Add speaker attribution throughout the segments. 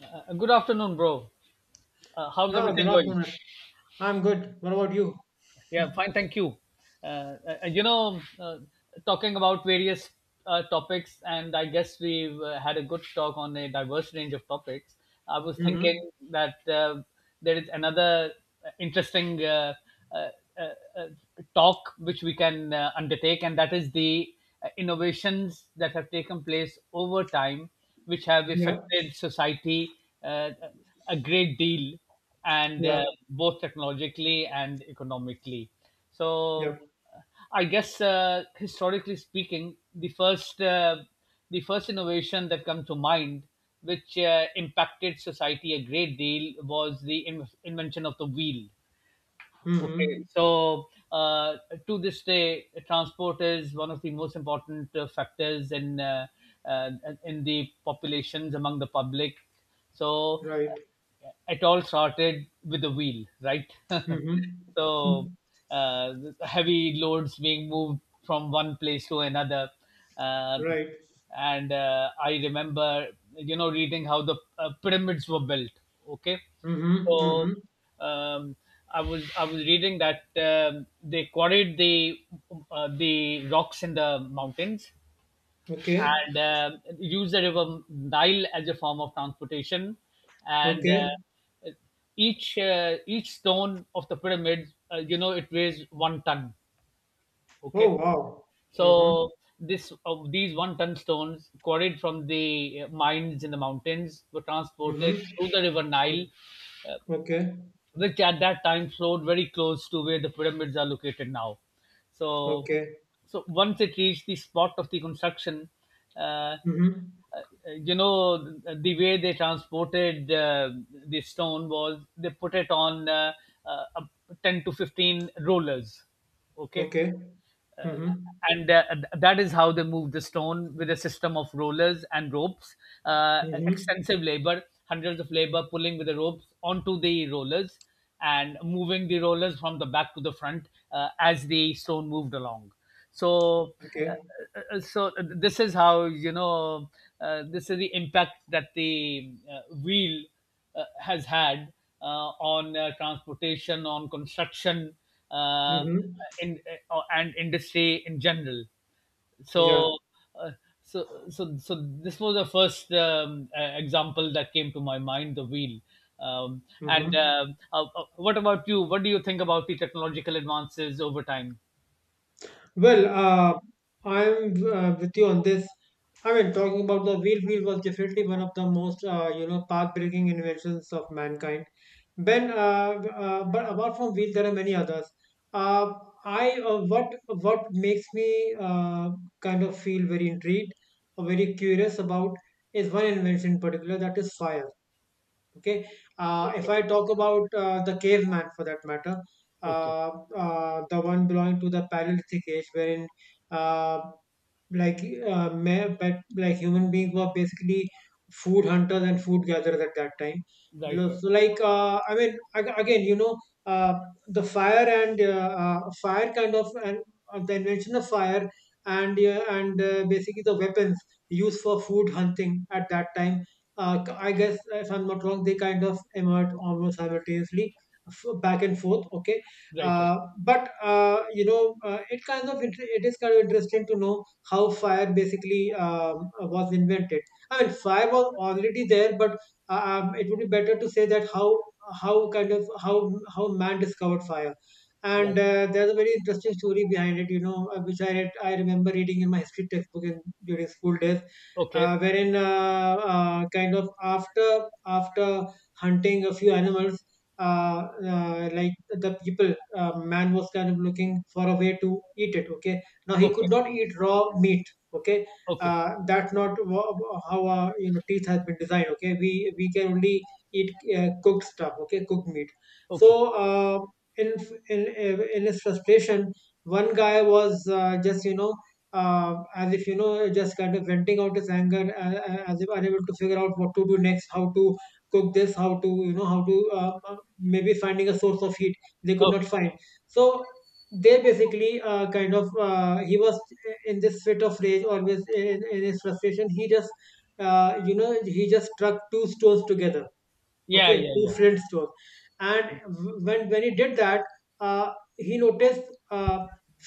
Speaker 1: Good afternoon, bro. How's
Speaker 2: Oh, good
Speaker 1: everything going?
Speaker 2: afternoon. I'm good. What about you?
Speaker 1: Yeah, fine, thank you. Uh, uh, you know, uh, Talking about various topics, and I guess we've had a good talk on a diverse range of topics. I was thinking
Speaker 2: Mm-hmm.
Speaker 1: that there is another interesting uh, uh, uh, talk which we can undertake, and that is the innovations that have taken place over time, which have
Speaker 2: Yeah,
Speaker 1: affected society uh, a great deal and
Speaker 2: yeah,
Speaker 1: both technologically and economically.
Speaker 2: yeah.
Speaker 1: So, I guess historically speaking, the first innovation that comes to mind, which impacted society a great deal, was the invention of the wheel. Okay,
Speaker 2: Mm-hmm.
Speaker 1: so to this day, transport is one of the most important factors uh, in the populations among the public. So
Speaker 2: Right.
Speaker 1: it all started with the wheel, right?
Speaker 2: Mm-hmm.
Speaker 1: So
Speaker 2: Hmm.
Speaker 1: uh, heavy loads being moved from one place to another uh,
Speaker 2: Right.
Speaker 1: and I remember, you know, reading how the pyramids were built. Okay,
Speaker 2: mm hmm right.
Speaker 1: so
Speaker 2: Mm-hmm.
Speaker 1: um, I was reading that they quarried the rocks in the mountains
Speaker 2: Okay.
Speaker 1: and use the river Nile as a form of transportation. And
Speaker 2: Okay.
Speaker 1: each stone of the pyramid, you know, it weighs one ton. Okay,
Speaker 2: Oh, wow. Mm-hmm.
Speaker 1: so this of these one ton stones quarried from the mines in the mountains were
Speaker 2: Mm-hmm.
Speaker 1: transported through the river Nile,
Speaker 2: Mm-hmm. Okay.
Speaker 1: which at that time flowed very close to where the pyramids are located now. So,
Speaker 2: Okay.
Speaker 1: so once it reached the spot of the construction, uh,
Speaker 2: Mm-hmm.
Speaker 1: uh, you know, the way they transported the stone was they put it on uh, 10 to 15 rollers. Okay,
Speaker 2: Okay. Mm-hmm.
Speaker 1: and that is how they moved the stone with a system of rollers and ropes. Uh,
Speaker 2: Mm-hmm.
Speaker 1: extensive labor, hundreds of labor pulling with the ropes onto the rollers and moving the rollers from the back to the front as the stone moved along. So uh,
Speaker 2: Okay.
Speaker 1: so this is how, you know, this is the impact that the wheel has had on transportation, on construction, uh,
Speaker 2: Mm-hmm.
Speaker 1: in, and industry in general.
Speaker 2: Yeah.
Speaker 1: So, uh, so this was the first example that came to my mind. The wheel. And
Speaker 2: Mm-hmm.
Speaker 1: What about you? What do you think about the technological advances over time?
Speaker 2: Well, I'm with you on this. I mean, talking about the wheel, was definitely one of the most, path-breaking inventions of mankind. Then, but apart from wheel, there are many others. Uh, I, what makes me, kind of feel very intrigued or very curious about, is one invention in particular, that is fire. Okay. If
Speaker 1: Okay.
Speaker 2: I talk about, the caveman for that matter,
Speaker 1: Okay.
Speaker 2: uh, the one belonging to the Paleolithic age, wherein, uh, like, but like human beings were basically food hunters and food gatherers at that time.
Speaker 1: Right.
Speaker 2: Lo-
Speaker 1: Right.
Speaker 2: So like, I mean, again you know, uh, the fire and, fire kind of, and the invention of fire, and basically the weapons used for food hunting at that time, I guess, if I'm not wrong, they kind of emerge almost simultaneously, back and forth. Okay,
Speaker 1: Right. Right.
Speaker 2: but, it kind of, it is kind of interesting to know how fire basically, was invented. I mean, fire was already there, but, it would be better to say that how, how man discovered fire. And
Speaker 1: Right.
Speaker 2: there's a very interesting story behind it, which I remember reading in my history textbook during school days,
Speaker 1: Okay.
Speaker 2: wherein, kind of, after hunting a few animals, man was kind of looking for a way to eat it. Okay, now he could
Speaker 1: Okay.
Speaker 2: not eat raw meat. Okay,
Speaker 1: Okay. Okay.
Speaker 2: that's not wha- how our, teeth has been designed. Okay, we can only eat, cooked stuff. Okay, cooked meat.
Speaker 1: Okay.
Speaker 2: So, in in his frustration, one guy was, just, as if, just kind of venting out his anger, as if unable to figure out what to do next, how to cook this, how to, how to, maybe finding a source of heat they could
Speaker 1: Oh,
Speaker 2: not find. So they basically, kind of, he was in this fit of rage, always, in his frustration, he just you know he just struck two stones together.
Speaker 1: yeah,
Speaker 2: Okay,
Speaker 1: yeah,
Speaker 2: two
Speaker 1: yeah.
Speaker 2: friends to Flint's stores. And when he did that, uh, he noticed,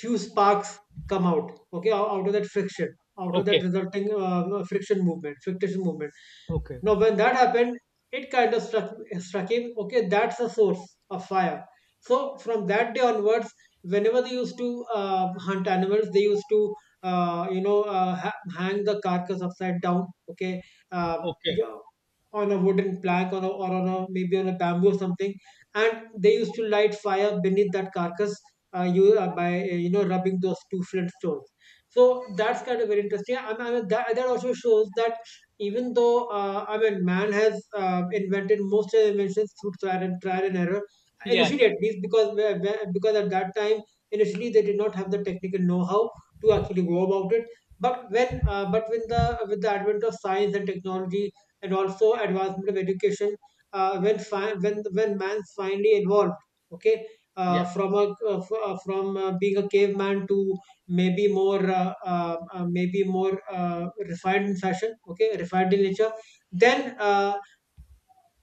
Speaker 2: few sparks come out. Okay, out of that friction, out of that
Speaker 1: Okay.
Speaker 2: resulting, friction movement, friction movement.
Speaker 1: Okay.
Speaker 2: Now, when that happened, it kind of struck him, okay, that's a source of fire. So, from that day onwards, whenever they used to, hunt animals, they used to, hang the carcass upside down, okay, uh,
Speaker 1: Okay.
Speaker 2: yeah, on a wooden plank, or on a, maybe on a bamboo or something. And they used to light fire beneath that carcass, by rubbing those two flint stones. So, that's kind of very interesting. I mean, that also shows that even though, I mean, man has, invented most of the inventions through trial and error,
Speaker 1: Yeah.
Speaker 2: initially at least, because because at that time, initially, they did not have the technical know-how to actually go about it. But when but with the advent of science and technology, and also advancement of education, when fi- when man finally evolved, okay,
Speaker 1: Yeah.
Speaker 2: from a, from, being a caveman to maybe more, maybe more, refined in fashion, okay, refined in nature. Then,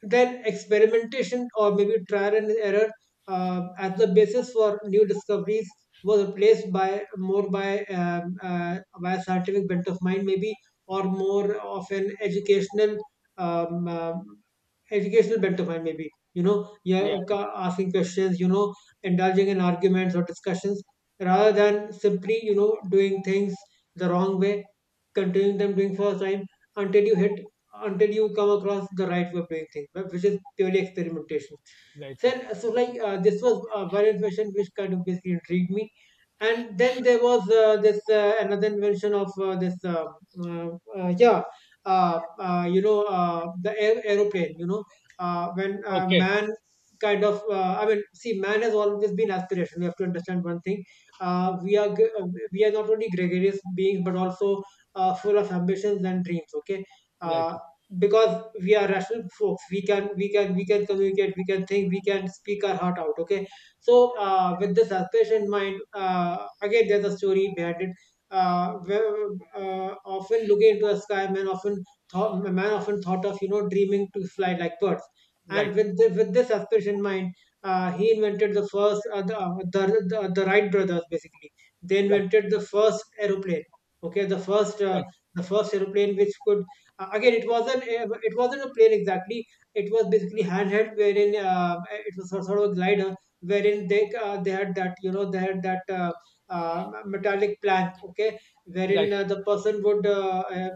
Speaker 2: then experimentation, or maybe trial and error, as the basis for new discoveries, was replaced by more, by a scientific bent of mind maybe, or more of an educational, um, um, educational bent of mind, maybe. You know,
Speaker 1: Yeah.
Speaker 2: asking questions, you know, indulging in arguments or discussions, rather than simply, you know, doing things the wrong way, continuing them, doing for a time, until you hit until you come across the right way of doing things, but which is purely experimentation.
Speaker 1: Right. Right.
Speaker 2: Then, so like, this was, one invention which kind of basically intrigued me, and then there was, this, another invention of, this uh, yeah. The aeroplane, you know, when,
Speaker 1: Okay.
Speaker 2: man kind of, I mean, see, man has always been aspiration. We have to understand one thing, uh, we are gre- uh, we are not only gregarious beings but also, full of ambitions and dreams. Okay,
Speaker 1: Right.
Speaker 2: uh, because we are rational folks, we can we can we can communicate, we can think, we can speak our heart out. Okay, so, with this aspiration in mind, again, there's a story behind it, uh, where, often looking into the sky, man often thought of, you know, dreaming to fly like birds.
Speaker 1: Right.
Speaker 2: And with this aspiration in mind, he invented the first, the Wright brothers, basically they
Speaker 1: Right.
Speaker 2: invented the first aeroplane. Okay, the first, the first aeroplane which could, again, it wasn't a plane exactly. It was basically handheld, wherein, it was sort of a glider, wherein they had that, you know, they had that metallic plank. Okay, wherein,
Speaker 1: Right. Right.
Speaker 2: the person would,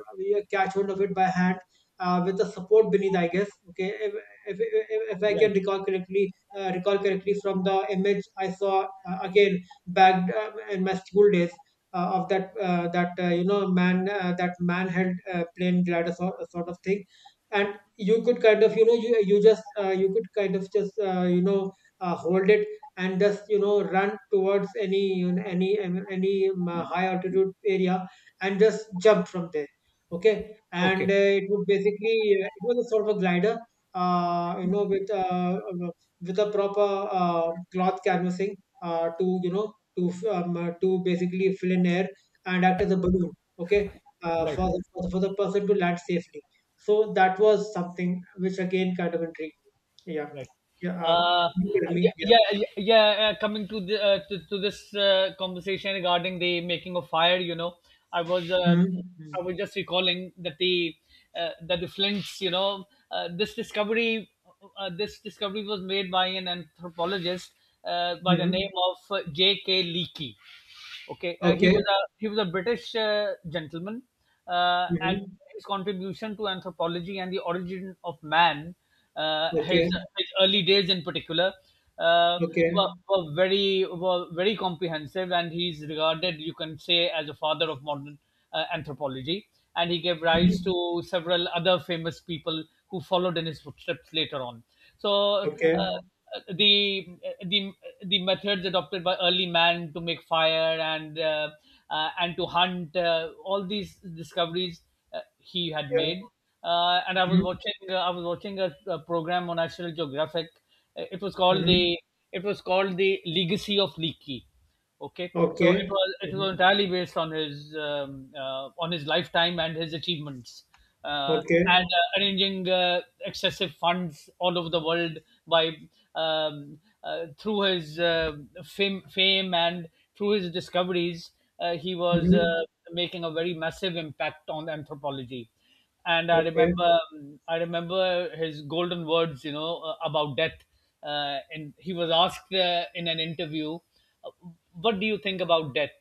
Speaker 2: catch hold of it by hand. With the support beneath, I guess. Okay, if I can
Speaker 1: Right.
Speaker 2: recall correctly, from the image I saw, again, back, in my school days, of that, that you know man that man held plane glider, sort of thing. And you could kind of, you know, you could kind of just, hold it, and just, you know, run towards any, any high altitude area, and just jump from there. Okay, and,
Speaker 1: Okay.
Speaker 2: it would basically, it was a sort of a glider, with, with a proper, cloth canvassing, to, you know, to basically fill in air and act as a balloon, okay, uh,
Speaker 1: Right.
Speaker 2: for, the, for the for the person to land safely. So that was something which again kind of intrigued me. Yeah,
Speaker 1: Right.
Speaker 2: yeah.
Speaker 1: Uh,
Speaker 2: You get me?
Speaker 1: yeah,
Speaker 2: Yeah.
Speaker 1: yeah, yeah, yeah. Coming to the to this conversation regarding the making of fire, you know, I was um,
Speaker 2: Mm-hmm.
Speaker 1: I was just recalling that the flints, you know, uh, this discovery this discovery was made by an anthropologist by the
Speaker 2: Hmm.
Speaker 1: name of J.K. Leakey. Okay,
Speaker 2: Okay.
Speaker 1: he was a British gentleman, and
Speaker 2: Hmm.
Speaker 1: his contribution to anthropology and the origin of man, uh, his
Speaker 2: Okay.
Speaker 1: his early days in particular, uh, were,
Speaker 2: Okay.
Speaker 1: were very comprehensive, and he's regarded, you can say, as a father of modern anthropology, and he gave rise
Speaker 2: Hmm.
Speaker 1: to several other famous people who followed in his footsteps later on. So
Speaker 2: Okay.
Speaker 1: the the the methods adopted by early man to make fire and to hunt, all these discoveries he had
Speaker 2: Yeah.
Speaker 1: made. Uh, and I was
Speaker 2: Hmm.
Speaker 1: watching uh, I was watching a program on National Geographic. It was called
Speaker 2: Hmm.
Speaker 1: the Legacy of Leaky. Okay, so
Speaker 2: Okay.
Speaker 1: it was
Speaker 2: Hmm.
Speaker 1: entirely based on his lifetime and his achievements, uh, and
Speaker 2: Okay.
Speaker 1: arranging excessive funds all over the world by um, through his fame and through his discoveries, he was
Speaker 2: Hmm.
Speaker 1: making a very massive impact on anthropology. And
Speaker 2: Okay.
Speaker 1: I remember his golden words, you know, about death. And he was asked in an interview, uh, "What do you think about death?"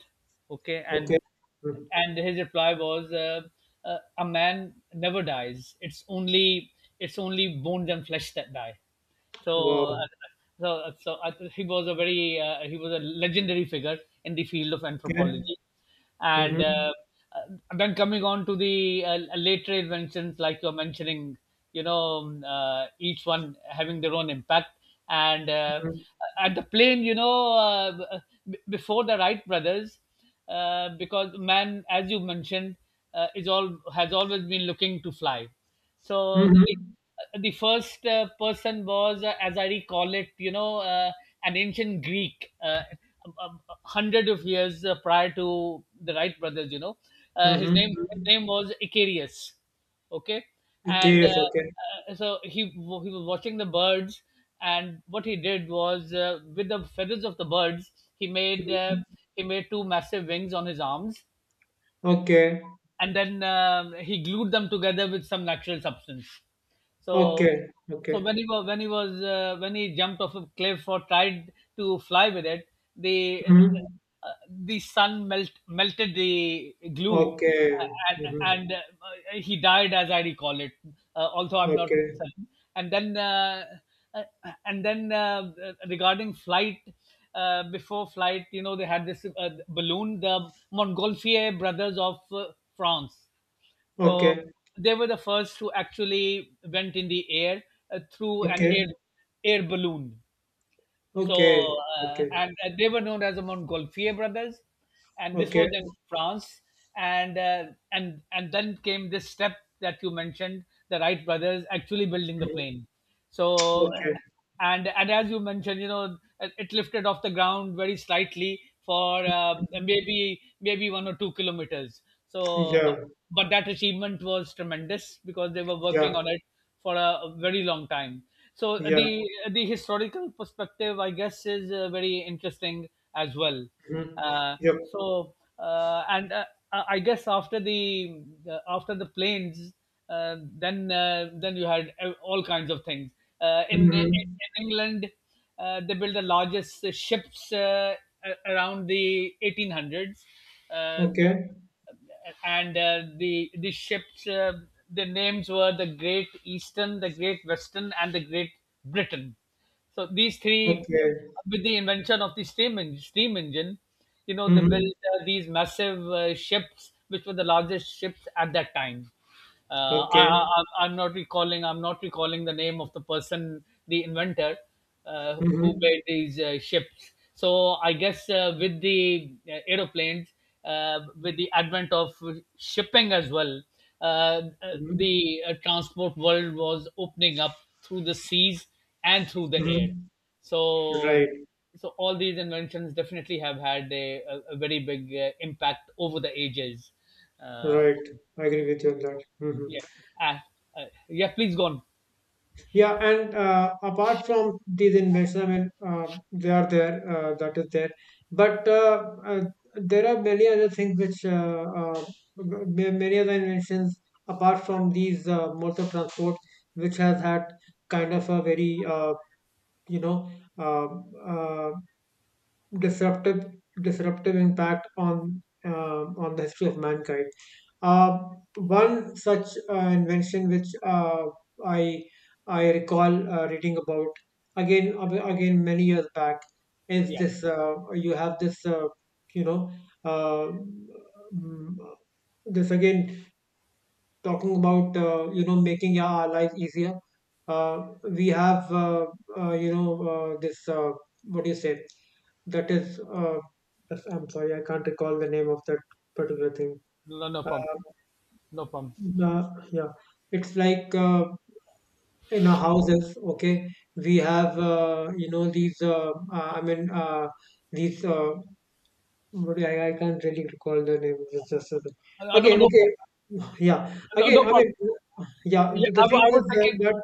Speaker 1: Okay, and
Speaker 2: Okay. Mm.
Speaker 1: his reply was a man never dies, it's only bones and flesh that die.
Speaker 2: Wow.
Speaker 1: So uh, so I think he was a very he was a legendary figure in the field of
Speaker 2: Okay.
Speaker 1: anthropology and
Speaker 2: Hmm.
Speaker 1: then coming on to the later inventions like you're mentioning, you know, each one having their own impact, and at the plane, you know, before the Wright brothers, because man, as you mentioned, is all has always been looking to fly. So
Speaker 2: Hmm.
Speaker 1: the first person was, as I recall it, you know, an ancient Greek, hundred of years prior to the Wright brothers. You know,
Speaker 2: Hmm.
Speaker 1: his
Speaker 2: Hmm.
Speaker 1: name was Icarius. Okay,
Speaker 2: Okay.
Speaker 1: and
Speaker 2: Yes. Okay.
Speaker 1: so he was watching the birds, and what he did was, with the feathers of the birds, he made uh,
Speaker 2: Mhm.
Speaker 1: he made two massive wings on his arms,
Speaker 2: Okay.
Speaker 1: and then he glued them together with some natural substance. So,
Speaker 2: Okay. Okay.
Speaker 1: when he was, when he jumped off a cliff or tried to fly with it, the
Speaker 2: Hmm.
Speaker 1: the sun melted the glue,
Speaker 2: Okay. Hmm.
Speaker 1: and he died, as I recall it. Although I'm not
Speaker 2: Okay.
Speaker 1: certain. And then uh, uh, and then regarding flight. Before flight, you know, they had this balloon, the Montgolfier brothers of France. So
Speaker 2: Okay.
Speaker 1: they were the first who actually went in the air through an
Speaker 2: Okay.
Speaker 1: air balloon.
Speaker 2: Okay.
Speaker 1: So,
Speaker 2: Okay.
Speaker 1: and they were known as the Montgolfier brothers, and this
Speaker 2: Okay.
Speaker 1: was in France, and and then came this step that you mentioned, the Wright brothers actually building the
Speaker 2: Hmm.
Speaker 1: plane. So,
Speaker 2: Okay.
Speaker 1: and as you mentioned, you know, it lifted off the ground very slightly for maybe 1 or 2 kilometers. So,
Speaker 2: Yeah.
Speaker 1: but that achievement was tremendous because they were
Speaker 2: Yeah.
Speaker 1: working on it for a very long time. So
Speaker 2: Yeah.
Speaker 1: the historical perspective, I guess, is very interesting as well.
Speaker 2: Hmm.
Speaker 1: Uh,
Speaker 2: Yep.
Speaker 1: so and I guess after the planes, then you had all kinds of things.
Speaker 2: Hmm.
Speaker 1: In England, they built the largest ships around the 1800s. Uh,
Speaker 2: Okay.
Speaker 1: and the ships, the names were the Great Eastern, the Great Western, and the Great Britain. So these three,
Speaker 2: Okay.
Speaker 1: with the invention of the steam engine, you know, they
Speaker 2: Hmm.
Speaker 1: built these massive ships, which were the largest ships at that time. Uh,
Speaker 2: Okay.
Speaker 1: I'm not recalling. I'm not recalling the name of the person, the inventor, who
Speaker 2: Hmm.
Speaker 1: made these ships. So I guess with the aeroplanes, with the advent of shipping as well, uh,
Speaker 2: Hmm.
Speaker 1: the transport world was opening up through the seas and through the air.
Speaker 2: Hmm.
Speaker 1: So,
Speaker 2: Right.
Speaker 1: so all these inventions definitely have had a very big impact over the ages. Uh,
Speaker 2: Right. I agree with you on that. Hmm.
Speaker 1: yeah. Uh, yeah, please go on.
Speaker 2: Yeah, and, apart from these inventions, I mean, they are there, that is there. But, there are many other things which, many other inventions apart from these, modes of transport, which has had kind of a very, you know, uh, uh, disruptive disruptive impact on, on the history of mankind. Uh, One such, invention which, I I recall, reading about again, again many years back, is
Speaker 1: Yeah.
Speaker 2: this, you have this, you know uh, mm, this, again, talking about, making our life easier. We have, this, what do you say, that is, yes, I'm sorry, I can't recall the name of that particular thing.
Speaker 1: No, no, no problem.
Speaker 2: uh,
Speaker 1: No problem.
Speaker 2: yeah, it's like, in our houses, okay, we have, these, these, what do I can't really recall the name, it's just
Speaker 1: No,
Speaker 2: again,
Speaker 1: no
Speaker 2: okay,
Speaker 1: problem.
Speaker 2: yeah,
Speaker 1: No, no
Speaker 2: again, I
Speaker 1: problem.
Speaker 2: mean, yeah,
Speaker 1: Yeah,
Speaker 2: the,
Speaker 1: I,
Speaker 2: the thing
Speaker 1: I
Speaker 2: is
Speaker 1: was
Speaker 2: that,
Speaker 1: thinking.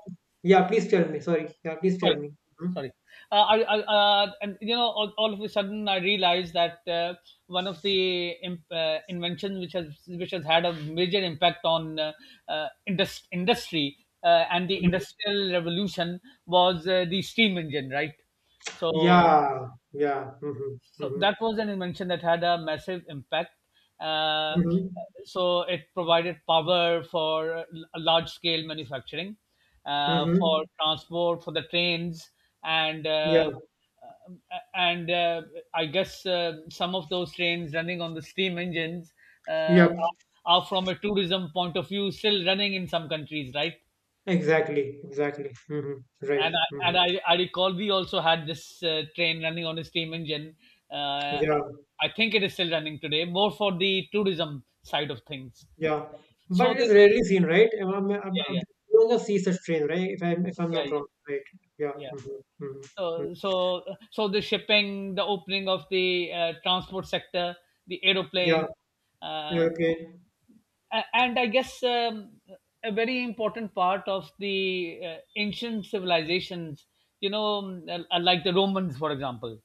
Speaker 2: yeah, please tell me. Sorry. Yeah, please tell
Speaker 1: Sorry.
Speaker 2: me. Mhm.
Speaker 1: Sorry. And you know, all of a sudden, I realized that one of the inventions which has, which has had a major impact on industry and the
Speaker 2: Mhm.
Speaker 1: industrial revolution was the steam engine, right? So
Speaker 2: Yeah, yeah. Hmm.
Speaker 1: so
Speaker 2: Hmm.
Speaker 1: that was an invention that had a massive impact. Uh,
Speaker 2: Hmm.
Speaker 1: so it provided power for large scale manufacturing, for
Speaker 2: Hmm.
Speaker 1: transport, for the trains, and
Speaker 2: Yeah,
Speaker 1: uh, and uh, I guess some of those trains running on the steam engines uh,
Speaker 2: yeah,
Speaker 1: are are from a tourism point of view still running in some countries, right?
Speaker 2: exactly, exactly. Hmm.
Speaker 1: And
Speaker 2: Right.
Speaker 1: I,
Speaker 2: Hmm.
Speaker 1: and I recall we also had this train running on a steam engine. Uh,
Speaker 2: Yeah,
Speaker 1: I think it is still running today, more for the tourism side of things.
Speaker 2: yeah. But
Speaker 1: So
Speaker 2: it is
Speaker 1: this,
Speaker 2: rarely seen, right?
Speaker 1: yeah, yeah,
Speaker 2: You don't see such train, right? If I'm
Speaker 1: yeah,
Speaker 2: not wrong, right? Yeah.
Speaker 1: yeah, yeah.
Speaker 2: Mm-hmm. Mm-hmm. Mm-hmm.
Speaker 1: So so the shipping, the opening of the transport sector, the
Speaker 2: Yeah.
Speaker 1: aeroplane, uh,
Speaker 2: Okay. Mm.
Speaker 1: and I guess a very important part of the ancient civilizations. Like the Romans, for example.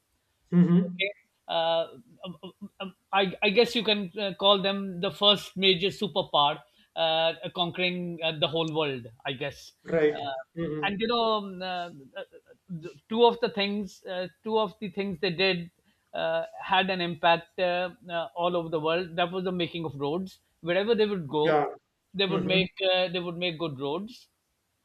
Speaker 2: Mm-hmm.
Speaker 1: Okay. Uh, um, um, um, I, I guess you can call them the first major superpower, conquering the whole world, I guess.
Speaker 2: Right.
Speaker 1: uh,
Speaker 2: Mm-hmm.
Speaker 1: and you know um, uh, th- two of the things two of the things they did had an impact all over the world. That was the making of roads wherever they would go.
Speaker 2: Yeah.
Speaker 1: they would
Speaker 2: Mm-hmm.
Speaker 1: make uh, they would make good roads.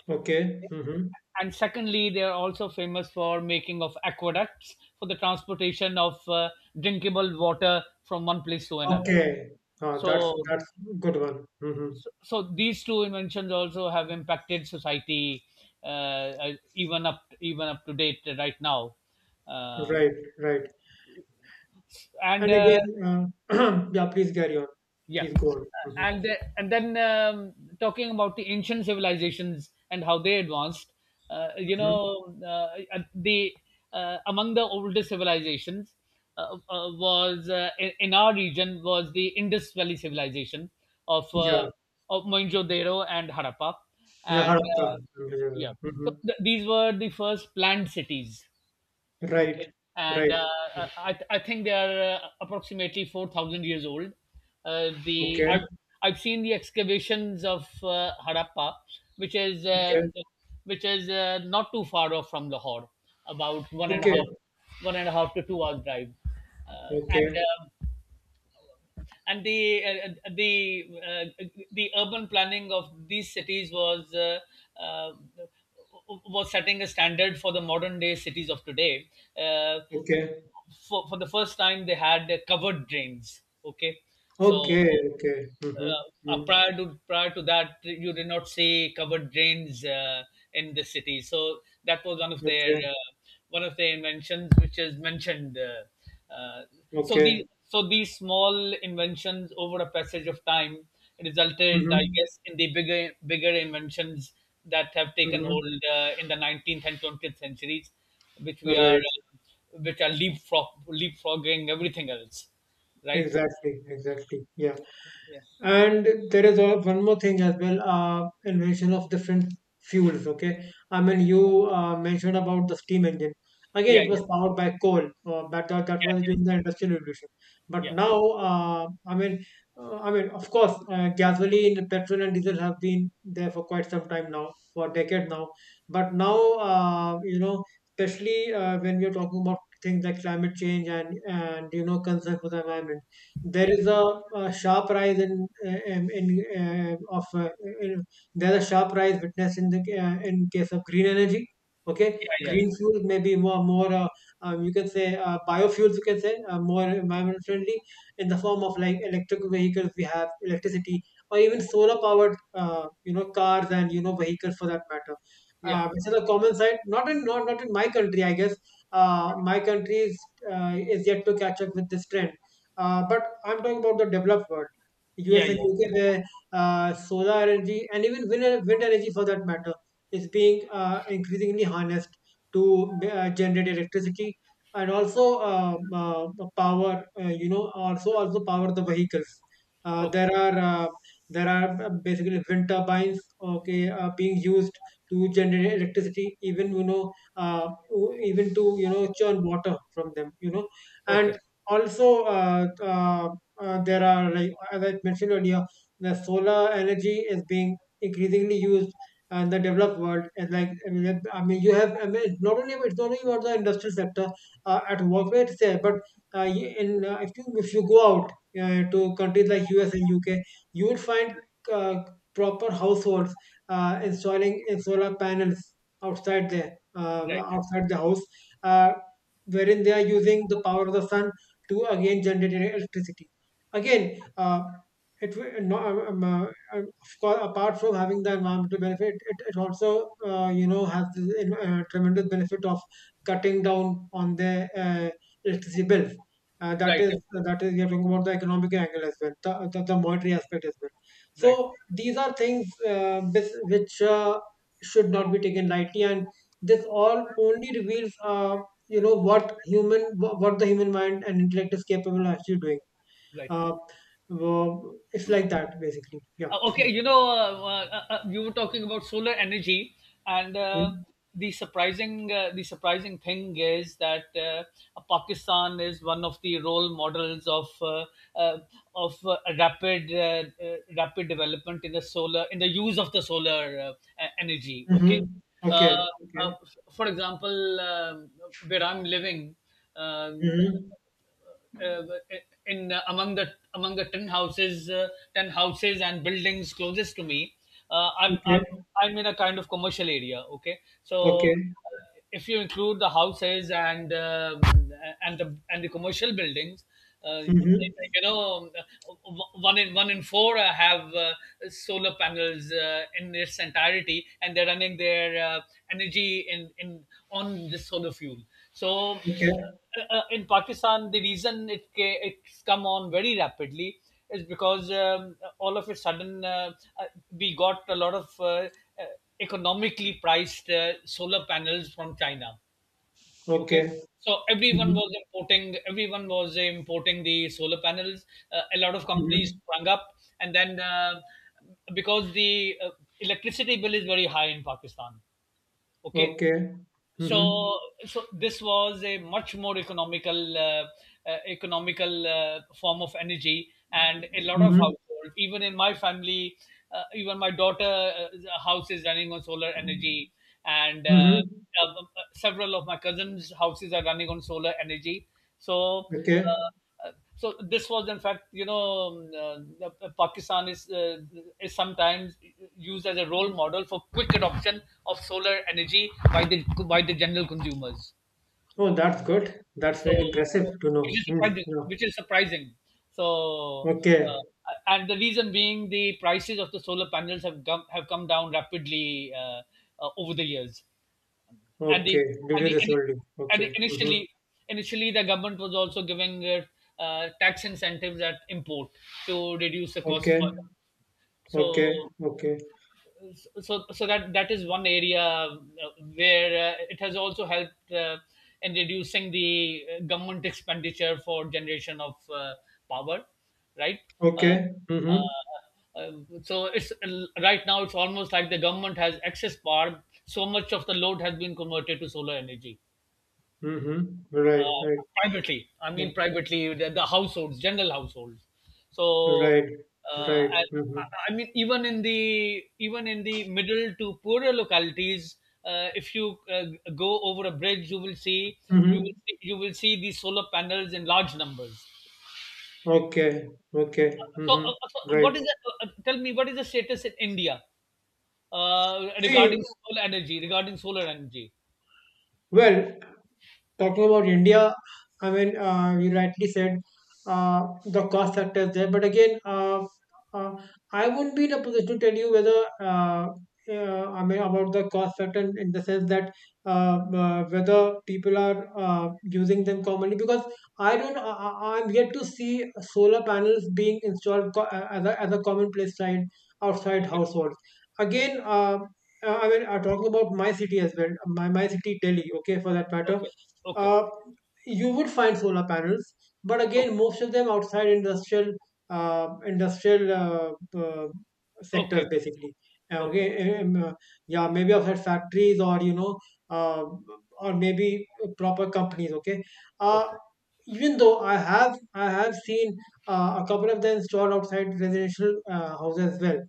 Speaker 2: Okay. Mm-hmm.
Speaker 1: And secondly, they are also famous for making of aqueducts for the transportation of drinkable water from one place to another.
Speaker 2: Okay. That's
Speaker 1: so
Speaker 2: that's good one. Mm-hmm.
Speaker 1: so these two inventions also have impacted society, even up to date right now. Um
Speaker 2: Right. Right.
Speaker 1: and
Speaker 2: And
Speaker 1: uh,
Speaker 2: again, yeah. Please carry on.
Speaker 1: yeah.
Speaker 2: Please go on. Mm-hmm.
Speaker 1: And then, talking about the ancient civilizations and how they advanced, you
Speaker 2: Mm-hmm.
Speaker 1: know uh, the among the oldest civilizations was in our region was the Indus Valley civilization of
Speaker 2: Yeah.
Speaker 1: Mohenjo-daro and Harappa.
Speaker 2: Yeah,
Speaker 1: and
Speaker 2: Harappa.
Speaker 1: uh, yeah. so
Speaker 2: Mm-hmm.
Speaker 1: th- these were the first planned cities. Okay.
Speaker 2: Right,
Speaker 1: and
Speaker 2: right.
Speaker 1: uh, uh, I, I think they are approximately 4,000 years old. Uh, the
Speaker 2: Okay,
Speaker 1: I've, I've seen the excavations of Harappa, which is
Speaker 2: okay,
Speaker 1: not too far off from Lahore, about
Speaker 2: okay,
Speaker 1: one and a half to 2 hours drive. Uh,
Speaker 2: okay,
Speaker 1: and the urban planning of these cities was uh, setting a standard for the modern day cities of today. Uh,
Speaker 2: okay,
Speaker 1: for the first time, they had covered drains. Okay. so
Speaker 2: okay, okay. Mm-hmm.
Speaker 1: uh, uh,
Speaker 2: Mm-hmm.
Speaker 1: prior to prior to that, you did not see covered drains in the city. So that was one of their
Speaker 2: Okay,
Speaker 1: one of their inventions which is mentioned. uh, uh, so
Speaker 2: okay.
Speaker 1: the so these small inventions, over a passage of time, resulted, I
Speaker 2: Mm-hmm.
Speaker 1: guess, in the bigger inventions that have taken
Speaker 2: Mm-hmm.
Speaker 1: hold in the 19th and 20th centuries, which we are
Speaker 2: Right.
Speaker 1: uh, which are leapfrogging everything else, right.
Speaker 2: Exactly, exactly. Yeah.
Speaker 1: Yeah,
Speaker 2: And one more thing as well, invention of different fuels. Okay, I mean you mentioned about the steam engine.
Speaker 1: yeah,
Speaker 2: Again, it was powered by coal, but that
Speaker 1: yeah,
Speaker 2: was during
Speaker 1: yeah,
Speaker 2: the industrial revolution. But
Speaker 1: yeah,
Speaker 2: now, I mean, of course, gasoline, petrol, and diesel have been there for quite some time now, for decades now. But now, especially when we are talking about things like climate change and concern for the environment there
Speaker 1: yeah,
Speaker 2: is a, a sharp rise in of in, there's a sharp rise witnessed in the in case of green energy. Okay,
Speaker 1: yeah, yeah, yeah,
Speaker 2: green fuels, may be more, you can say, biofuels, you can say, more environment friendly, in the form of like electric vehicles. We have electricity, or even solar powered cars and vehicles for that matter,
Speaker 1: yeah,
Speaker 2: which is a common sight not in my country, I guess. My country is yet to catch up with this trend. But I'm talking about the developed world,
Speaker 1: yeah,
Speaker 2: US and
Speaker 1: yeah.
Speaker 2: UK, where solar energy and even wind energy for that matter is being increasingly harnessed to generate electricity, and also power, also power the vehicles. Uh,
Speaker 1: Okay,
Speaker 2: there are uh, there are basically wind turbines, okay, being used to generate electricity, even even to churn water from them, you know.
Speaker 1: okay,
Speaker 2: And also there are, like as I mentioned earlier, the solar energy is being increasingly used in the developed world. And like I mean, it- I mean you have I mean, it's not only, about the industrial sector at work where there, but y- in if you go out to countries like US and UK, you will find uh, proper households installing solar panels outside there uh,
Speaker 1: right,
Speaker 2: outside the house, uh, wherein they are using the power of the sun to again generate electricity. Again, it will no, of course, apart from having the environmental benefit, it also has the tremendous benefit of cutting down on the electricity bills. Uh, that
Speaker 1: right,
Speaker 2: is, that is, we are talking about the economic angle as well, the monetary aspect as well.
Speaker 1: right, right,
Speaker 2: So these are things which should not be taken lightly, and this all only reveals you know what human what the human mind and intellect is capable of actually doing.
Speaker 1: right.
Speaker 2: uh, it's like that, basically. Yeah.
Speaker 1: Okay, you were talking about solar energy, and
Speaker 2: Mm-hmm.
Speaker 1: the surprising thing is that Pakistan is one of the role models of uh, rapid development in the solar in the use of the solar energy. Okay.
Speaker 2: Mm-hmm.
Speaker 1: Uh,
Speaker 2: Okay. Okay.
Speaker 1: f- for example, where I'm living, um,
Speaker 2: Mm-hmm.
Speaker 1: uh, in among the 10 houses, ten houses and buildings closest to me. uh, I'm, I'm
Speaker 2: Okay.
Speaker 1: I'm in a kind of commercial area. Okay, so
Speaker 2: Okay.
Speaker 1: if you include the houses and the commercial buildings, uh,
Speaker 2: Mm-hmm.
Speaker 1: you know, uh, one in four have solar panels in its entirety, and they're running their energy in on the solar fuel. So uh,
Speaker 2: Okay.
Speaker 1: uh, uh, in Pakistan, the reason it's come on very rapidly is because, all of a sudden, uh, we got a lot of economically priced solar panels from China.
Speaker 2: Okay.
Speaker 1: Okay. so everyone
Speaker 2: Mm-hmm.
Speaker 1: was importing, everyone was importing the solar panels. A lot of companies
Speaker 2: Mm-hmm.
Speaker 1: sprung up, and then, because the electricity bill is very high in Pakistan. Okay.
Speaker 2: Okay. Mm-hmm.
Speaker 1: So so this was a much more economical form of energy, and a lot of
Speaker 2: Mm-hmm.
Speaker 1: households, even in my family, even my daughter's house is running on solar energy, and
Speaker 2: Mm-hmm.
Speaker 1: uh, several of my cousins houses are running on solar energy. so
Speaker 2: Okay.
Speaker 1: uh, so this was, in fact, Pakistan is sometimes used as a role model for quick adoption of solar energy by the general consumers.
Speaker 2: Oh, that's good. That's
Speaker 1: So,
Speaker 2: very impressive to
Speaker 1: which
Speaker 2: know.
Speaker 1: is
Speaker 2: Mm.
Speaker 1: surprising,
Speaker 2: Yeah.
Speaker 1: so
Speaker 2: Okay.
Speaker 1: and the reason being the prices of the solar panels have come down rapidly over the years. and the
Speaker 2: Okay, due
Speaker 1: and
Speaker 2: to
Speaker 1: the
Speaker 2: this only.
Speaker 1: and
Speaker 2: Okay.
Speaker 1: the
Speaker 2: Mm-hmm.
Speaker 1: initially, the government was also giving tax incentives at import to reduce the cost
Speaker 2: Okay.
Speaker 1: further.
Speaker 2: Okay.
Speaker 1: so
Speaker 2: Okay.
Speaker 1: so so that that is one area where it has also helped in reducing the government expenditure for generation of power, right. uh,
Speaker 2: Okay. Mm-hmm.
Speaker 1: uh, uh, so it's Right now, it's almost like the government has excess power. So much of the load has been converted to solar energy.
Speaker 2: Mm-hmm. Right,
Speaker 1: Uh,
Speaker 2: right.
Speaker 1: Privately, I
Speaker 2: Yeah.
Speaker 1: mean, privately, the households, general households. So,
Speaker 2: Right,
Speaker 1: uh,
Speaker 2: right.
Speaker 1: I,
Speaker 2: Mm-hmm.
Speaker 1: I mean, even in the middle to poorer localities, if you go over a bridge,
Speaker 2: Mm-hmm.
Speaker 1: you will see these solar panels in large numbers.
Speaker 2: Okay, okay.
Speaker 1: So,
Speaker 2: Mm-hmm. Right.
Speaker 1: tell me, what is the status in India
Speaker 2: See,
Speaker 1: regarding solar energy? Regarding solar energy.
Speaker 2: well, talking about India, I mean, you rightly said the cost factor is there, but again, uh, I wouldn't be in a position to tell you whether. Uh, I mean, about the cost factor in the sense that whether people are using them commonly, because I don't I- I'm yet to see solar panels being installed as a, commonplace sight outside
Speaker 1: Okay.
Speaker 2: households. Again, I mean, talking about my city as well, my city Delhi, okay, for that matter,
Speaker 1: Okay. Okay.
Speaker 2: uh, you would find solar panels, but again, most of them outside industrial uh, industrial uh, uh,
Speaker 1: Okay.
Speaker 2: sectors,
Speaker 1: Okay.
Speaker 2: basically. Uh,
Speaker 1: Okay. Okay.
Speaker 2: Okay, um, um, uh, yeah, maybe outside factories, or you know, uh, or maybe proper companies. Okay, uh,
Speaker 1: Okay.
Speaker 2: even though I have seen a couple of them installed outside residential houses as well,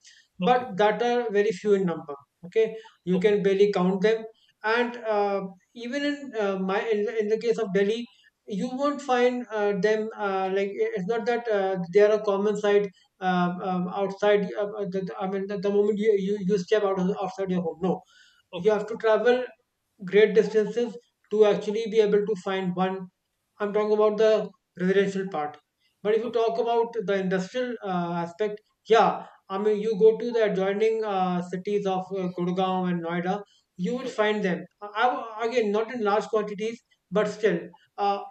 Speaker 1: Okay.
Speaker 2: but that are very few in number. Okay, you
Speaker 1: Okay.
Speaker 2: can barely count them. And even in in the case of Delhi, you won't find them, like, it's not that they are a common sight outside the moment you, you step out of, outside your home, no, you
Speaker 1: Okay.
Speaker 2: have to travel great distances to actually be able to find one. I'm talking about the residential part. But if you
Speaker 1: Okay.
Speaker 2: talk about the industrial aspect, yeah, I mean, you go to the adjoining cities of Gurgaon and Noida, you would
Speaker 1: Okay.
Speaker 2: find them. Again, not in large quantities, but still. Uh,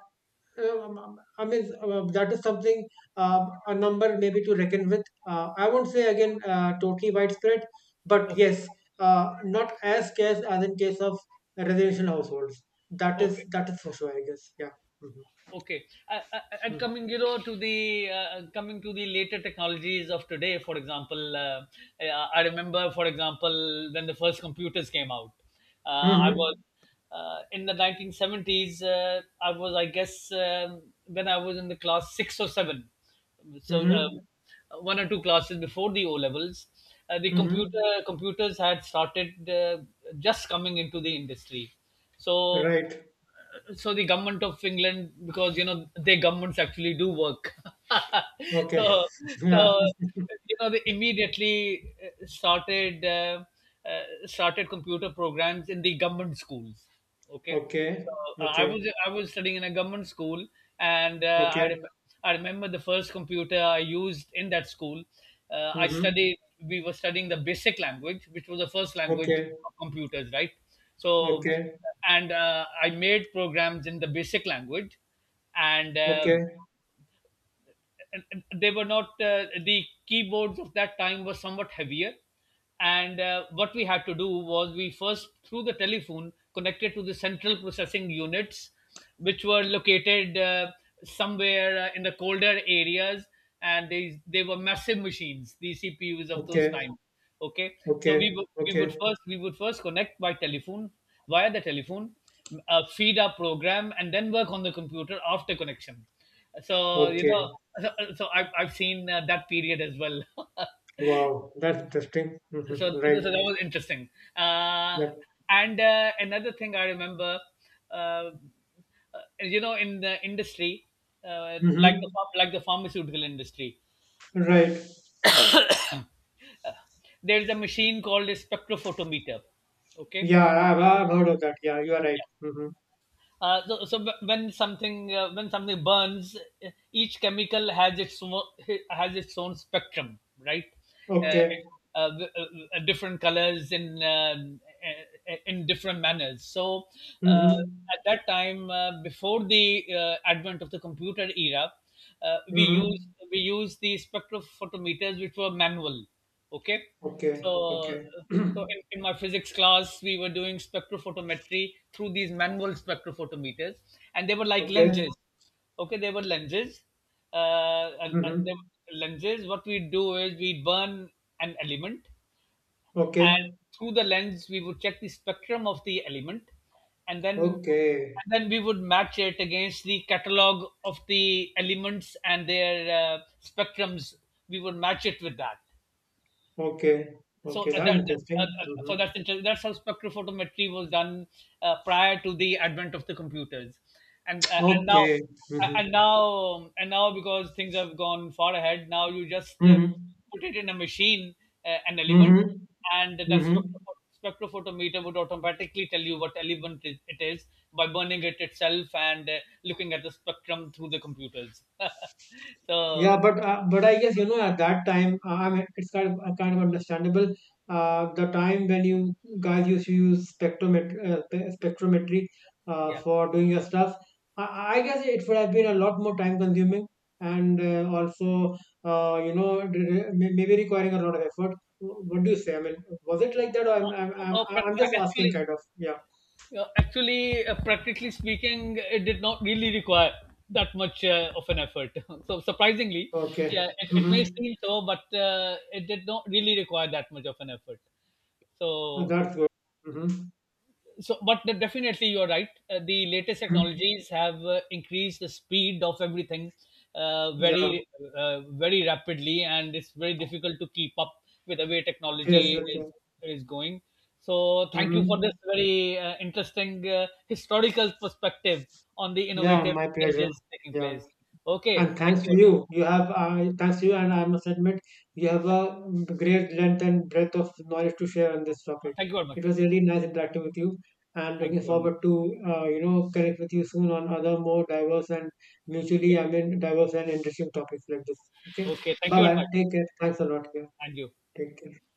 Speaker 2: I mean, that is something, a number maybe to reckon with. I won't say, again, totally widespread, but
Speaker 1: Okay.
Speaker 2: yes, not as scarce as in case of residential households.
Speaker 1: Okay.
Speaker 2: That is for sure, I guess. Yeah. Mm-hmm.
Speaker 1: Okay. I- and coming you know to the coming to the later technologies of today, for example, I remember, for example, when the first computers came out. uh,
Speaker 2: Mm-hmm.
Speaker 1: i was
Speaker 2: Mm-hmm.
Speaker 1: uh, in the 1970s. I guess when I was in the class 6 or 7, so um,
Speaker 2: Mm-hmm.
Speaker 1: one or two classes before the O levels. uh, the
Speaker 2: Mm-hmm.
Speaker 1: computer computers had started, just coming into the industry. so
Speaker 2: Right.
Speaker 1: so the government of England, because their governments actually do work.
Speaker 2: Okay.
Speaker 1: so
Speaker 2: Yeah.
Speaker 1: so they immediately started computer programs in the government schools. Okay.
Speaker 2: Okay.
Speaker 1: so uh, I
Speaker 2: Okay.
Speaker 1: was I was studying in a government school, and
Speaker 2: Okay.
Speaker 1: I remember the first computer I used in that school. I
Speaker 2: Mm-hmm.
Speaker 1: studied We were studying the basic language, which was the first language
Speaker 2: Okay.
Speaker 1: of computers, right? So,
Speaker 2: Okay.
Speaker 1: and I made programs in the basic language, and uh,
Speaker 2: Okay.
Speaker 1: and they were not the keyboards of that time were somewhat heavier. And what we had to do was, we first, through the telephone, connected to the central processing units, which were located somewhere, in the colder areas, and they were massive machines, the CPUs of those
Speaker 2: Okay.
Speaker 1: times. Okay. so we
Speaker 2: Okay.
Speaker 1: would we would
Speaker 2: Okay.
Speaker 1: first we would first connect by telephone, via the telephone, feed our program, and then work on the computer after connection. so you
Speaker 2: Okay.
Speaker 1: know, so, so I've I've seen that period as well.
Speaker 2: Wow, that's interesting. Hmm.
Speaker 1: so,
Speaker 2: Right.
Speaker 1: so that was interesting. Uh,
Speaker 2: Yep.
Speaker 1: and another thing I remember, uh, uh, in the industry,
Speaker 2: Hmm.
Speaker 1: like the pharmaceutical industry,
Speaker 2: Right.
Speaker 1: there is a machine called a spectrophotometer. Okay.
Speaker 2: Yeah, I've heard of that. Yeah, you are right. Hmm.
Speaker 1: So, when something burns, each chemical has has its own spectrum, right? Uh,
Speaker 2: Okay.
Speaker 1: uh, w- different colors in different manners. So
Speaker 2: Hmm.
Speaker 1: uh, at that time, before the advent of the computer era,
Speaker 2: Hmm.
Speaker 1: we used the spectrophotometers, which were manual. Okay.
Speaker 2: Okay.
Speaker 1: so
Speaker 2: Okay.
Speaker 1: so in my physics class, we were doing spectrophotometry through these manual spectrophotometers, and they were like
Speaker 2: Okay.
Speaker 1: lenses. Okay.
Speaker 2: Hmm.
Speaker 1: They were lenses. What we do is we burn an element, and
Speaker 2: Okay.
Speaker 1: through the lens, we would check the spectrum of the element. and then
Speaker 2: Okay.
Speaker 1: and then we would match it against the catalog of the elements and their spectrums. We would match it with that.
Speaker 2: Okay.
Speaker 1: so
Speaker 2: Okay.
Speaker 1: uh,
Speaker 2: That's
Speaker 1: that, that- uh,
Speaker 2: interesting.
Speaker 1: uh,
Speaker 2: Hmm.
Speaker 1: so that's interesting. That's how spectrophotometry was done prior to the advent of the computers. and uh, and now
Speaker 2: Okay.
Speaker 1: uh,
Speaker 2: Hmm.
Speaker 1: because things have gone far ahead, now you just
Speaker 2: Hmm.
Speaker 1: put it in a machine, an element, and
Speaker 2: Hmm.
Speaker 1: that
Speaker 2: Hmm.
Speaker 1: spectrophotometer would automatically tell you what element it is, by burning it itself, and looking at the spectrum through the computers. So,
Speaker 2: Yeah, but I guess, you know, at that time, I mean, it's kind of understandable. The time when you guys used to use spectrometry
Speaker 1: yeah.
Speaker 2: for doing your stuff, I guess it would have been a lot more time consuming, and also maybe requiring a lot of effort. What do you say? I mean, was it like that, or
Speaker 1: Oh, but
Speaker 2: I'm just asking,
Speaker 1: actually,
Speaker 2: kind of. Yeah.
Speaker 1: yeah, actually, practically speaking, it did not really require that much of an effort. So, surprisingly, yeah,
Speaker 2: Okay.
Speaker 1: it may
Speaker 2: Mm-hmm.
Speaker 1: seem so, but it did not really require that much of an effort. So
Speaker 2: That's good. Mm-hmm.
Speaker 1: so, but definitely you're right, the latest technologies have increased the speed of everything, uh,
Speaker 2: Yeah.
Speaker 1: very very rapidly, and it's very difficult to keep up with the way
Speaker 2: Yes.
Speaker 1: technology
Speaker 2: Yes.
Speaker 1: is
Speaker 2: Yeah.
Speaker 1: is going. So thank you for
Speaker 2: Mm-hmm.
Speaker 1: this very interesting historical perspective on the
Speaker 2: Yeah,
Speaker 1: innovative
Speaker 2: my pleasure.
Speaker 1: changes taking
Speaker 2: Yeah,
Speaker 1: place. Okay.
Speaker 2: and
Speaker 1: Thank
Speaker 2: thanks to
Speaker 1: you.
Speaker 2: you, you have thanks to you, and I must admit you have a great length and breadth of knowledge to share on this topic.
Speaker 1: Thank you very
Speaker 2: It
Speaker 1: much.
Speaker 2: was really nice interacting with you, and
Speaker 1: Thank
Speaker 2: looking
Speaker 1: you very much.
Speaker 2: forward to connect with you soon on other more diverse and mutually I
Speaker 1: Okay,
Speaker 2: mean diverse and interesting topics like this. Okay,
Speaker 1: okay, thank
Speaker 2: bye
Speaker 1: you very
Speaker 2: bye.
Speaker 1: much.
Speaker 2: Take care. Thanks a lot. Yeah,
Speaker 1: And you.
Speaker 2: take care.